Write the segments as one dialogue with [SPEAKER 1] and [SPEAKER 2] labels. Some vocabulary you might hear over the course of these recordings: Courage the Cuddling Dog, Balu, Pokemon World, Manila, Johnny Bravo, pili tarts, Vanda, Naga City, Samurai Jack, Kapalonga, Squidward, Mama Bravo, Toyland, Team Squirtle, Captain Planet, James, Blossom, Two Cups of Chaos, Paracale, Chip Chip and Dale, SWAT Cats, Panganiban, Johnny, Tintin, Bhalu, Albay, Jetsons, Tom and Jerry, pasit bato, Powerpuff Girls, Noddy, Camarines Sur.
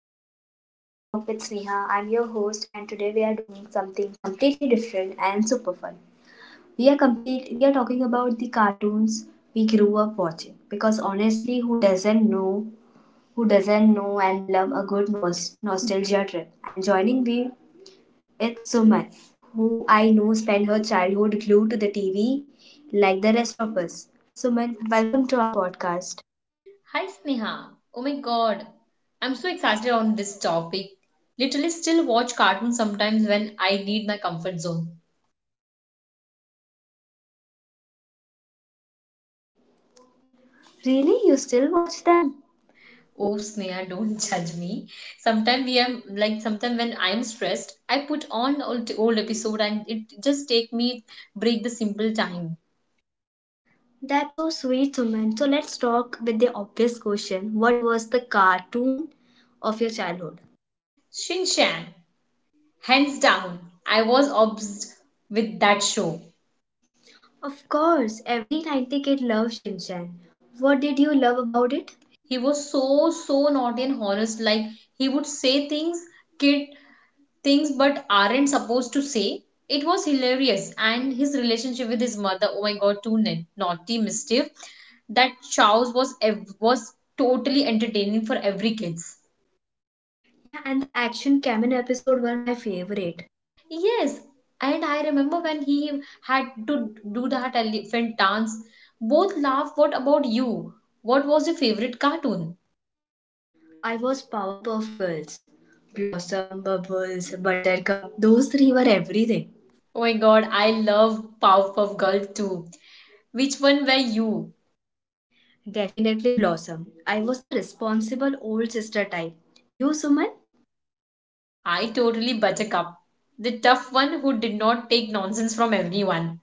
[SPEAKER 1] welcome to the Real Talk with Sneha. I'm your host and today we are doing something completely different and super fun. We are talking about the cartoons we grew up watching because honestly who doesn't know and love a good nostalgia trip, and joining me it's Suman, who I know spent her childhood glued to the TV like the rest of us. Suman, welcome to our podcast.
[SPEAKER 2] Hi Sneha. Oh my god. I'm so excited on this topic. Literally still watch cartoons sometimes when I need my comfort zone.
[SPEAKER 1] Really? You still watch them?
[SPEAKER 2] Oh Sneha, don't judge me. Sometimes we am like sometimes when I'm stressed, I put on old episode and it just take me break the simple time.
[SPEAKER 1] That's so sweet, Suman. So let's talk with the obvious question. What was the cartoon of your childhood?
[SPEAKER 2] Shin hands down. I was obsessed with that show.
[SPEAKER 1] Of course, every 90 kid loves Shinchan. What did you love about it?
[SPEAKER 2] He was so naughty and honest like he would say things kid things but aren't supposed to say. It was hilarious. And his relationship with his mother, oh my god, too naughty, mischief. That Chow's was totally entertaining for every kids.
[SPEAKER 1] Yeah, and the Action Kamen episode were my favorite.
[SPEAKER 2] Yes, and I remember when he had to do that elephant dance. Both laugh. What about you? What was your favorite cartoon?
[SPEAKER 1] I was Powerpuff Girls. Blossom, Bubbles, Buttercup, those three were everything.
[SPEAKER 2] Oh my god, I love Powerpuff Girl too. Which one were you?
[SPEAKER 1] Definitely Blossom. I was the responsible old sister type. You, Suman?
[SPEAKER 2] I totally buttercup, the tough one who did not take nonsense from everyone.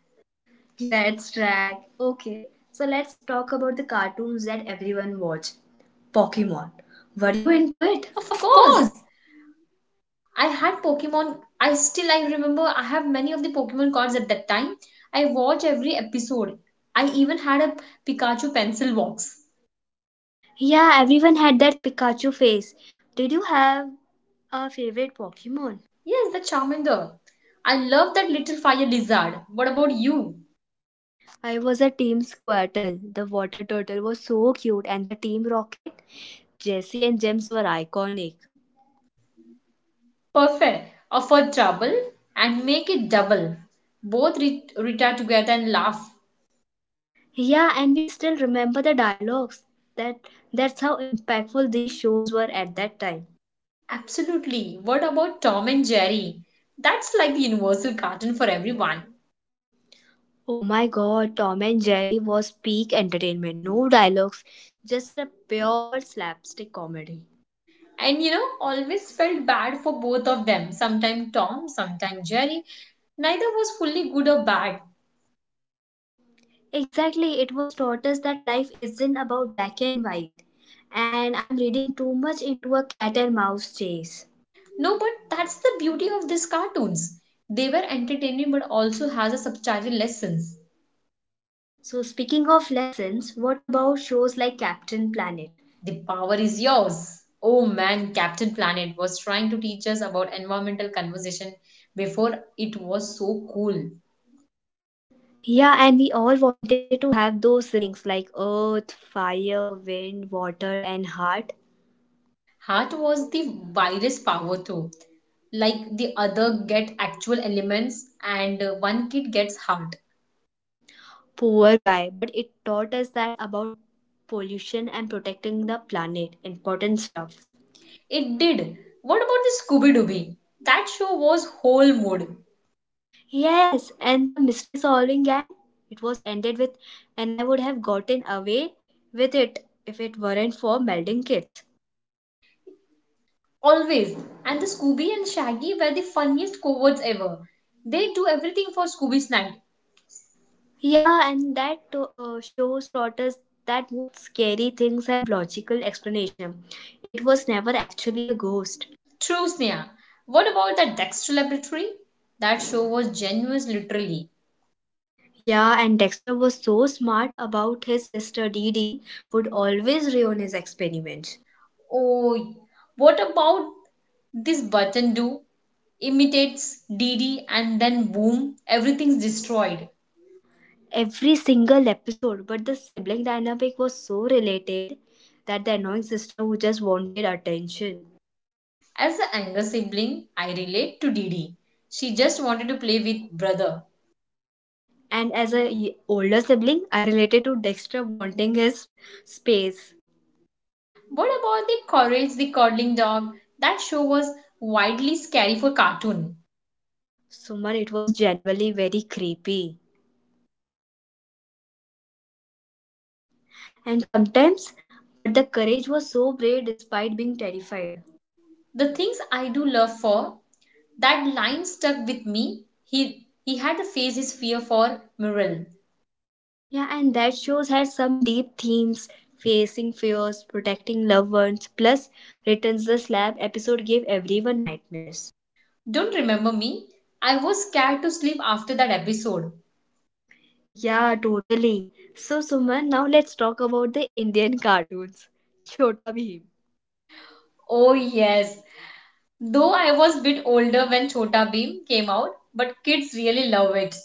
[SPEAKER 1] That's right. Okay, so let's talk about the cartoons that everyone watch. Pokemon. Were you into it?
[SPEAKER 2] Of
[SPEAKER 1] Of
[SPEAKER 2] course,
[SPEAKER 1] course!
[SPEAKER 2] I had Pokemon. I remember I have many of the Pokemon cards at that time. I watch every episode. I even had a Pikachu pencil box.
[SPEAKER 1] Yeah, everyone had that Pikachu face. Did you have a favorite Pokemon?
[SPEAKER 2] Yes, the Charmander. I love that little fire lizard. What about you?
[SPEAKER 1] I was a Team Squirtle. The water turtle was so cute, and the Team Rocket, Jesse and James were iconic.
[SPEAKER 2] Perfect. Offer trouble and make it double. Both retire together and laugh.
[SPEAKER 1] Yeah, and we still remember the dialogues. That that's how impactful these shows were at that time.
[SPEAKER 2] Absolutely. What about Tom and Jerry? That's like the universal cartoon for everyone.
[SPEAKER 1] Oh my god, Tom and Jerry was peak entertainment. No dialogues, just a pure slapstick comedy.
[SPEAKER 2] And you know, always felt bad for both of them. Sometimes Tom, sometimes Jerry. Neither was fully good or bad.
[SPEAKER 1] Exactly, it was taught us that life isn't about black and white. And I'm reading too much into a cat and mouse chase.
[SPEAKER 2] No, but that's the beauty of these cartoons. They were entertaining but also has a substantial lessons.
[SPEAKER 1] So, speaking of lessons, what about shows like Captain Planet?
[SPEAKER 2] The power is yours. Oh man, Captain Planet was trying to teach us about environmental conversation before it was so cool.
[SPEAKER 1] Yeah, and we all wanted to have those rings like earth, fire, wind, water, and heart.
[SPEAKER 2] Heart was the virus power too like the other get actual elements and one kid gets heart.
[SPEAKER 1] Poor guy, but it taught us that about pollution and protecting the planet. Important stuff.
[SPEAKER 2] It did. What about the Scooby Dooby? That show was whole mood.
[SPEAKER 1] Yes, and the mystery solving gang. It was ended with, and I would have gotten away with it if it weren't for melding kids.
[SPEAKER 2] Always. And the Scooby and Shaggy were the funniest cowards ever. They do everything for Scooby's night.
[SPEAKER 1] Yeah, and that shows taught us that most scary things have logical explanation. It was never actually a ghost.
[SPEAKER 2] True, Sneha. What about the Dexter Laboratory? That show was genuine, literally.
[SPEAKER 1] Yeah, and Dexter was so smart about his sister Dee Dee would always ruin his experiments.
[SPEAKER 2] Oh, what about this button do? Imitates DD and then boom, everything's destroyed.
[SPEAKER 1] Every single episode, but the sibling dynamic was so related that the annoying sister who just wanted attention.
[SPEAKER 2] As the younger sibling, I relate to Didi. She just wanted to play with brother.
[SPEAKER 1] And as a older sibling, I related to Dexter wanting his space.
[SPEAKER 2] What about the Courage the Cuddling Dog? That show was widely scary for cartoon.
[SPEAKER 1] Suman, it was genuinely very creepy. And sometimes, but the courage was so brave despite being terrified.
[SPEAKER 2] The things I do love for, that line stuck with me. He he had to face his fear for Muriel.
[SPEAKER 1] Yeah, and that shows had some deep themes facing fears, protecting loved ones, plus returns the slab episode gave everyone nightmares.
[SPEAKER 2] Don't remember me? I was scared to sleep after that episode.
[SPEAKER 1] Yeah, totally. So, Suman, now let's talk about the Indian cartoons. Chota Bheem.
[SPEAKER 2] Oh yes. Though I was a bit older when Chota Beam came out, but kids really love it.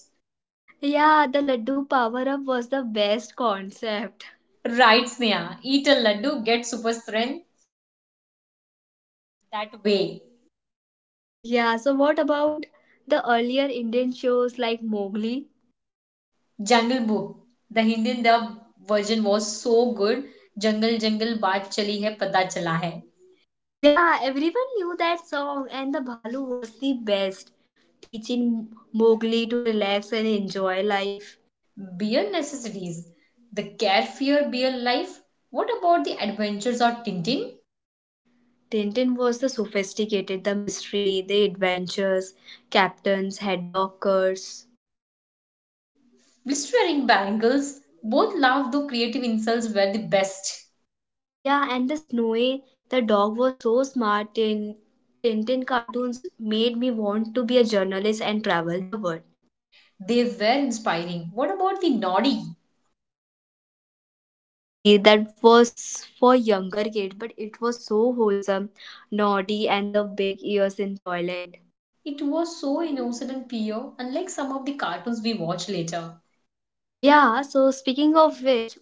[SPEAKER 1] Yeah, the Laddu power up was the best concept.
[SPEAKER 2] Right, Sneha. Eat a laddu, get super strength that way.
[SPEAKER 1] Yeah, so what about the earlier Indian shows like Mowgli?
[SPEAKER 2] Jungle Book. The Hindi dub version was so good. Jungle Jungle बात chali hai pata chala hai.
[SPEAKER 1] Yeah, everyone knew that song, and the Bhalu was the best, teaching Mowgli to relax and enjoy life.
[SPEAKER 2] Beer necessities. The carefree beer life. What about the adventures of Tintin?
[SPEAKER 1] Tintin was the sophisticated, the mystery, the adventures, captains, head dockers.
[SPEAKER 2] Blistering bangles. Both laugh though creative insults were the best.
[SPEAKER 1] Yeah, and the Snowy, the dog was so smart. Tintin cartoons made me want to be a journalist and travel the world.
[SPEAKER 2] They were inspiring. What about the naughty?
[SPEAKER 1] Oh, Noddy, that was for younger kids, but it was so wholesome. Noddy and the big ears in Toyland.
[SPEAKER 2] It was so innocent and pure, unlike some of the cartoons we watch later.
[SPEAKER 1] Yeah, so speaking of which,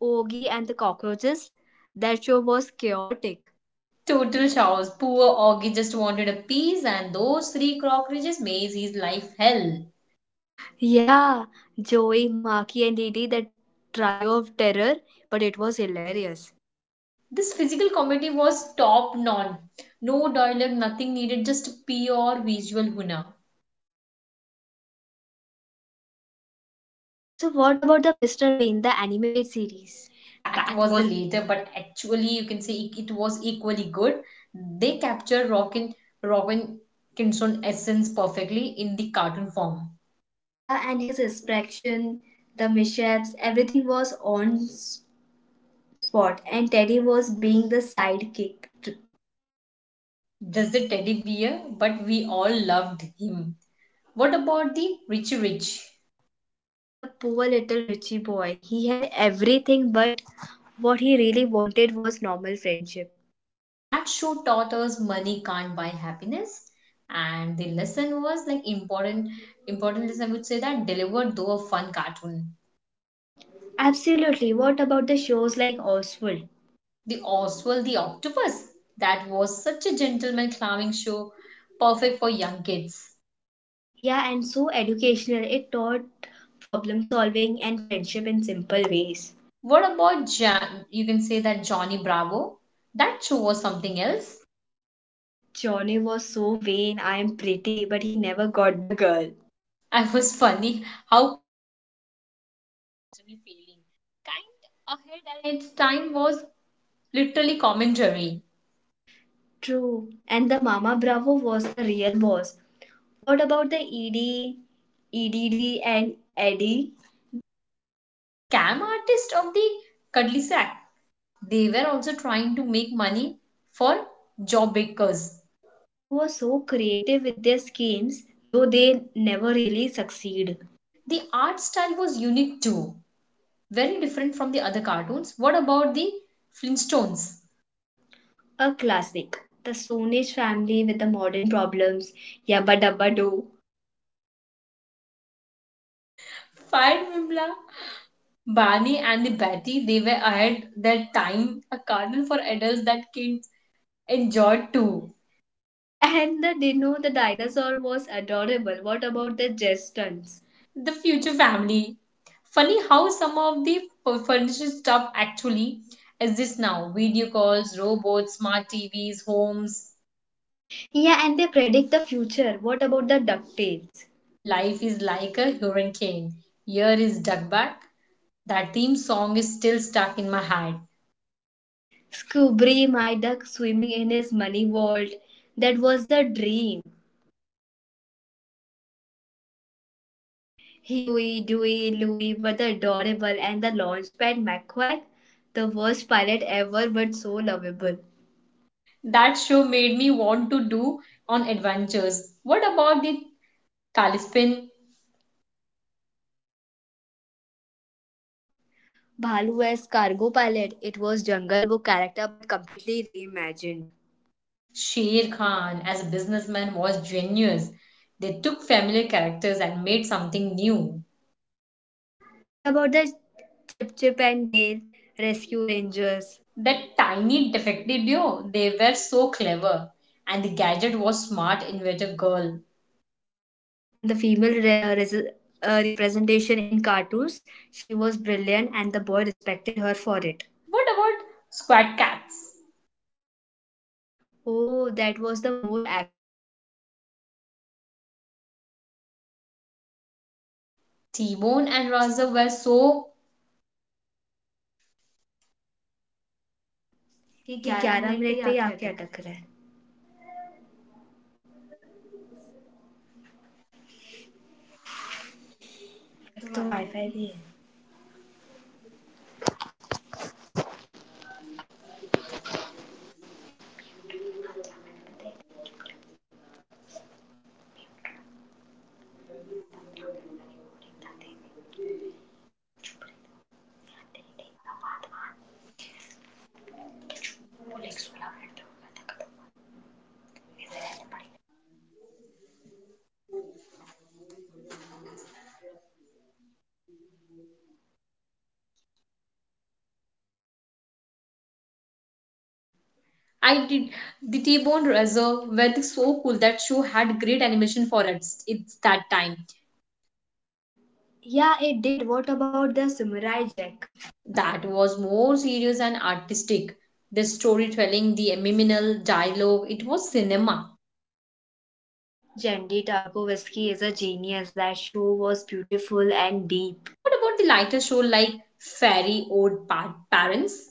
[SPEAKER 1] Ogie and the cockroaches, that show was chaotic.
[SPEAKER 2] Total chaos. Poor Augie just wanted a piece, and those three cockroaches made his life hell.
[SPEAKER 1] Yeah, Joey, Marky, and Didi, that trio of terror, but it was hilarious.
[SPEAKER 2] This physical comedy was top notch. No dialogue, nothing needed, just pure visual huna.
[SPEAKER 1] So what about the Mr. Bean, the animated series?
[SPEAKER 2] That
[SPEAKER 1] That
[SPEAKER 2] was the
[SPEAKER 1] was
[SPEAKER 2] later, but actually, you can say it, was equally good. They capture Rockin, Robin Kinson essence perfectly in the cartoon form.
[SPEAKER 1] yeah, and his expression, the mishaps, everything was on spot, and Teddy was being the sidekick. To-
[SPEAKER 2] Just the teddy bear, but we all loved him. What about the Richie Rich?
[SPEAKER 1] The poor little Richie boy, he had everything, but what he really wanted was normal friendship.
[SPEAKER 2] That show taught us money can't buy happiness. And the lesson was like important, important lesson I would say that delivered though a fun cartoon.
[SPEAKER 1] Absolutely. What about the shows like Oswald?
[SPEAKER 2] The Oswald the Octopus. That was such a gentleman clowning show, perfect for young kids.
[SPEAKER 1] Yeah, and so educational. It taught problem solving and friendship in simple ways.
[SPEAKER 2] What about Jan? You can say that Johnny Bravo. That show was something else.
[SPEAKER 1] Johnny was so vain, I am pretty, but he never got the girl.
[SPEAKER 2] I was funny. How constantly failing. Kind ahead at its time was literally commentary.
[SPEAKER 1] True. And the Mama Bravo was the real boss. What about the ED, EDD, and Eddie?
[SPEAKER 2] That scam artist of the cuddly sack. They were also trying to make money for job bakers.
[SPEAKER 1] That show was so creative with their schemes, though they never really succeed.
[SPEAKER 2] The art style was unique too, very different from the other cartoons. What about the Flintstones?
[SPEAKER 1] A classic. The Stone Age family with the modern problems. Yabba dabba do.
[SPEAKER 2] Fine, Vimla. Barney and the Betty, they were ahead their time, a cartoon for adults that kids enjoyed too.
[SPEAKER 1] And the Dino the dinosaur was adorable. What about the Jetsons?
[SPEAKER 2] The Future Family. Funny how some of the furniture stuff actually exists now. Video calls, robots, smart TVs, homes.
[SPEAKER 1] Yeah, and they predict the future. What about the DuckTales?
[SPEAKER 2] Life is like a hurricane. Year is dug Back. That theme song is still stuck in my head.
[SPEAKER 1] Scooby, my duck swimming in his money vault. That was the dream. Huey, Dewey, Louie were the adorable and the launchpad McQuack, the worst pilot ever but so lovable.
[SPEAKER 2] That show made me want to do on adventures. What about the Talispin?
[SPEAKER 1] Balu as cargo pilot, it was Jungle Book character but completely reimagined.
[SPEAKER 2] Sher Khan as a businessman was genius. They took familiar characters and made something new.
[SPEAKER 1] What about the Chip and Dale rescue rangers?
[SPEAKER 2] That tiny defective duo, they were so clever. And the gadget was smart inventor girl.
[SPEAKER 1] And the female representation in cartoons. She was brilliant, and the boy respected her for it.
[SPEAKER 2] What about Squad Cats?
[SPEAKER 1] Oh, that was the more action packed. The vigilant cats fighting crime in Mega City.
[SPEAKER 2] T-Bone
[SPEAKER 1] Timon
[SPEAKER 2] and
[SPEAKER 1] and
[SPEAKER 2] Raza were
[SPEAKER 1] Raza were
[SPEAKER 2] so
[SPEAKER 1] so
[SPEAKER 2] ये
[SPEAKER 1] ये
[SPEAKER 2] ग्यारह
[SPEAKER 1] ग्यारह
[SPEAKER 2] minute पे ही
[SPEAKER 1] minute पे ही
[SPEAKER 2] आके
[SPEAKER 1] आके
[SPEAKER 2] अटक रहा
[SPEAKER 1] अटक
[SPEAKER 2] है.
[SPEAKER 1] रहा है
[SPEAKER 2] तो
[SPEAKER 1] अब तो
[SPEAKER 2] वाईफाई भी
[SPEAKER 1] वाईफाई
[SPEAKER 2] है.
[SPEAKER 1] भी है.
[SPEAKER 2] I did the T-Bone Razor were so cool. That show had great animation for its that time.
[SPEAKER 1] Yeah, it did. What about the Samurai Jack?
[SPEAKER 2] That was more serious and artistic. The storytelling, the liminal dialogue, it was cinema.
[SPEAKER 1] Jandy Tarkovsky is a genius. That show was beautiful and deep.
[SPEAKER 2] What about the lighter show like Fairy Old Parents?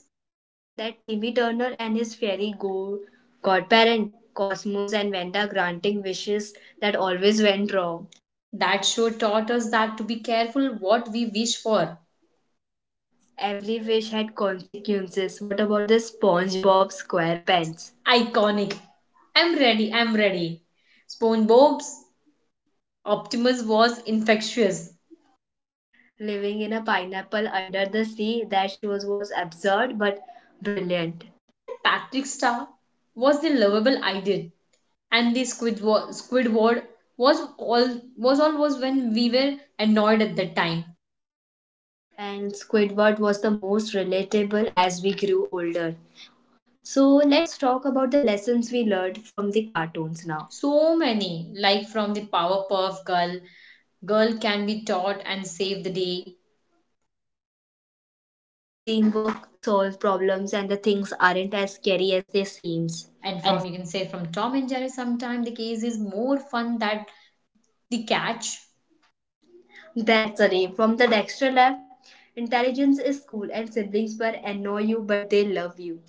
[SPEAKER 1] That Timmy Turner and his godparent, Cosmos and Vanda granting wishes that always went wrong.
[SPEAKER 2] That show taught us that to be careful what we wish for.
[SPEAKER 1] Every wish had consequences. What about the SpongeBob SquarePants?
[SPEAKER 2] Iconic. I'm ready. SpongeBob's Optimus was infectious.
[SPEAKER 1] Living in a pineapple under the sea, that show was absurd but brilliant.
[SPEAKER 2] The Patrick Star was the lovable idol, and the Squidward was all was when we were annoyed at that time.
[SPEAKER 1] And Squidward was the most relatable as we grew older. So let's talk about the lessons we learned from the
[SPEAKER 2] Now.
[SPEAKER 1] cartoons now.
[SPEAKER 2] So many, like from the Powerpuff Girl, girl can be taught and save the day,
[SPEAKER 1] From the Scooby Doo, teamwork solves problems and the things aren't as scary as they seems.
[SPEAKER 2] and
[SPEAKER 1] And
[SPEAKER 2] from you can say from Tom and Jerry. Sometimes the case is more fun that the catch.
[SPEAKER 1] that's a name. From the Dexter Lab, intelligence is cool and siblings will annoy you but they love you.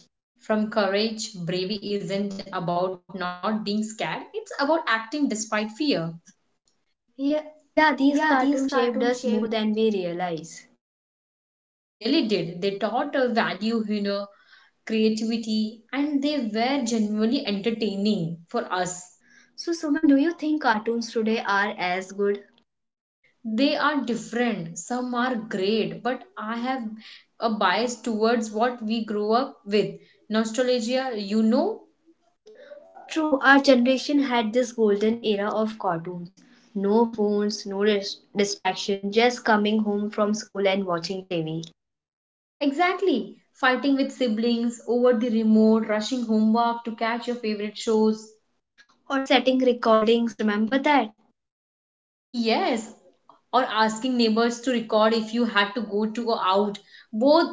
[SPEAKER 2] From courage, bravery isn't about not being scared; it's about acting despite fear.
[SPEAKER 1] Yeah, these cartoons shaped us more than we realize.
[SPEAKER 2] They really did. They taught a value, you know, creativity, and they were genuinely entertaining for us.
[SPEAKER 1] So, Suman, do you think cartoons today are as good?
[SPEAKER 2] They are different. Some are great, but I have a bias towards what we grow up with. Nostalgia, you know?
[SPEAKER 1] True, our generation had this golden era of cartoons. No phones, no distraction, just coming home from school and watching TV.
[SPEAKER 2] Exactly. Fighting with siblings over the remote, rushing homework to catch your favorite shows.
[SPEAKER 1] Or setting recordings, remember that?
[SPEAKER 2] Yes. Or asking neighbors to record if you had to go out. Both.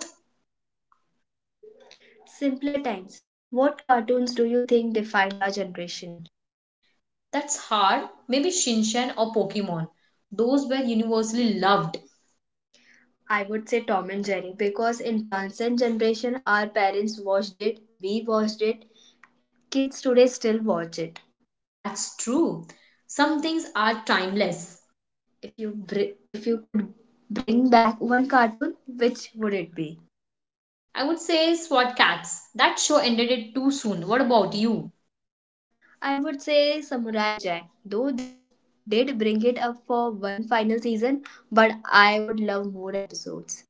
[SPEAKER 1] Simpler times. What cartoons do you think defined our generation?
[SPEAKER 2] That's hard. Maybe Shinshan or Pokemon. Those were universally loved.
[SPEAKER 1] I would say Tom and Jerry because in transcend generation our parents watched it, we watched it, kids today still watch it.
[SPEAKER 2] That's true. Some things are timeless.
[SPEAKER 1] If you could bring back one cartoon, which would it be?
[SPEAKER 2] I would say SWAT Cats. That show ended it too soon. What about you?
[SPEAKER 1] I would say Samurai Jack, though they did bring it up for one final season, but I would love more episodes.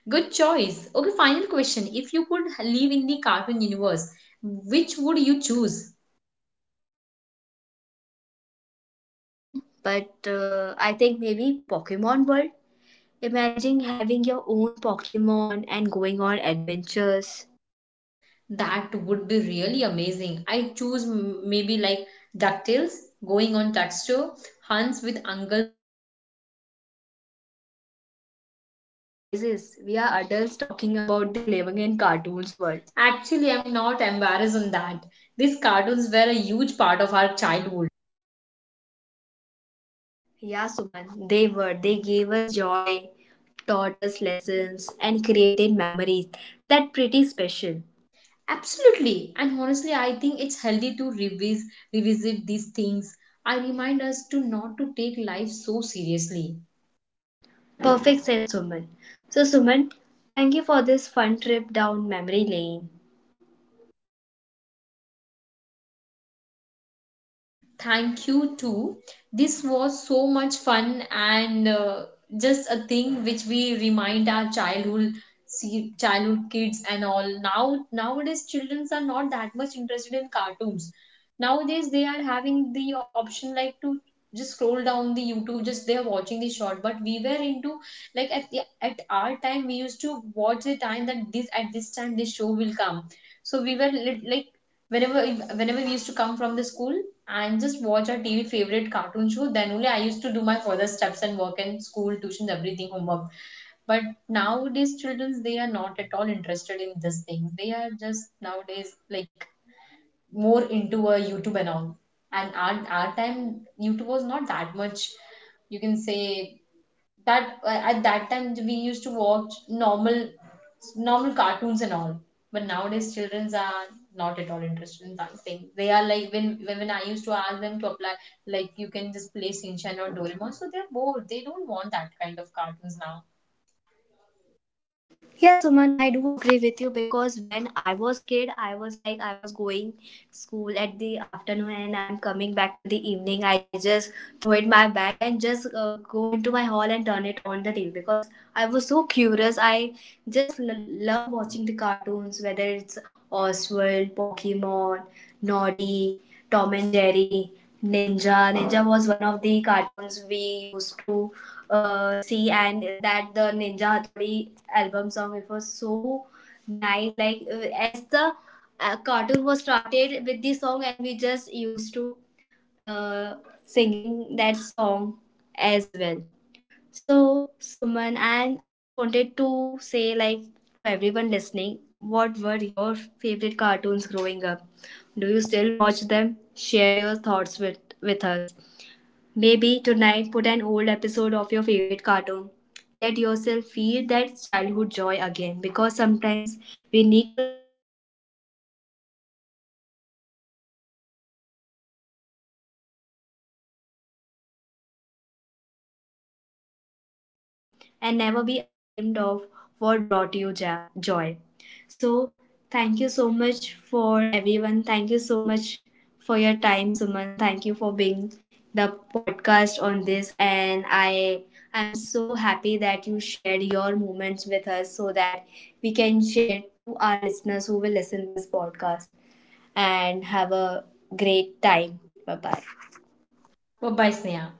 [SPEAKER 2] Good choice. Okay, final question. If you could live in the cartoon universe, which would you choose?
[SPEAKER 1] Oh my god, that's a tough one, but I think maybe Pokemon World. Imagine having your own Pokemon and going on adventures.
[SPEAKER 2] That would be really amazing. I choose maybe like DuckTales, going on Duck Show, Hunts with Uncle.
[SPEAKER 1] Great choices. We are adults talking about the living in cartoons world.
[SPEAKER 2] Actually, I'm not embarrassed on that. These cartoons were a huge part of our childhood.
[SPEAKER 1] Yeah, Suman, they were. They gave us joy, taught us lessons, and created memories that pretty special.
[SPEAKER 2] Absolutely. And honestly, I think it's healthy to revisit these things. I remind us to not to take life so seriously.
[SPEAKER 1] Perfect, said Suman. So, Suman, thank you for this fun trip down memory lane.
[SPEAKER 2] Thank you too. This was so much fun and just a thing which we remind our childhood see childhood kids and all now nowadays children are not that much interested in cartoons nowadays they are having the option like to just scroll down the youtube just they are watching the short but we were into like at our time we used to watch the time that this at this time this show will come so we were like whenever we used to come from the school and just watch our TV favorite cartoon show. Then only I used to do my further steps and work and school, tuitions, everything, homework. But nowadays, children they are not at all interested in these things. They are just nowadays like more into a YouTube and all. And our time, YouTube was not that much. You can say that at that time we used to watch normal cartoons and all, but nowadays childrens are not at all interested in that thing. They are like when I used to ask them to apply like you can just play shinchan or doraemon so they're bored, they don't want that kind of cartoons now.
[SPEAKER 1] Yeah, Suman, I do agree with you because when I was kid, I was like I was going school at the afternoon and I'm coming back to the evening. I just throw it my bag and just go into my hall and turn it on the TV because I was so curious. I just love watching the cartoons, whether it's Oswald, Pokemon, Noddy, Tom and Jerry, Ninja. Ninja was one of the cartoons we used to see, and that the Ninja Hathodi album song it was so nice, like as the cartoon was started with the song and we just used to uh, singing that song as well. So Suman, and I just wanted to say, like, to everyone listening, what were your favorite cartoons growing up? Do you still watch them? Share your thoughts with us. Maybe tonight put an old episode of your favorite cartoon. Let yourself feel that childhood joy again, because sometimes we need to remember what it felt like to be carefree and entertained by simple things. Until the next time, stay young at heart, keep that inner child alive, and never be ashamed of what brought you joy. So, thank you so much for everyone. Thank you so much for your time, Suman. Thank you for being the podcast on this. And I am so happy that you shared your moments with us so that we can share to our listeners who will listen this podcast and have a great time. Bye bye.
[SPEAKER 2] Bye bye, Sneha.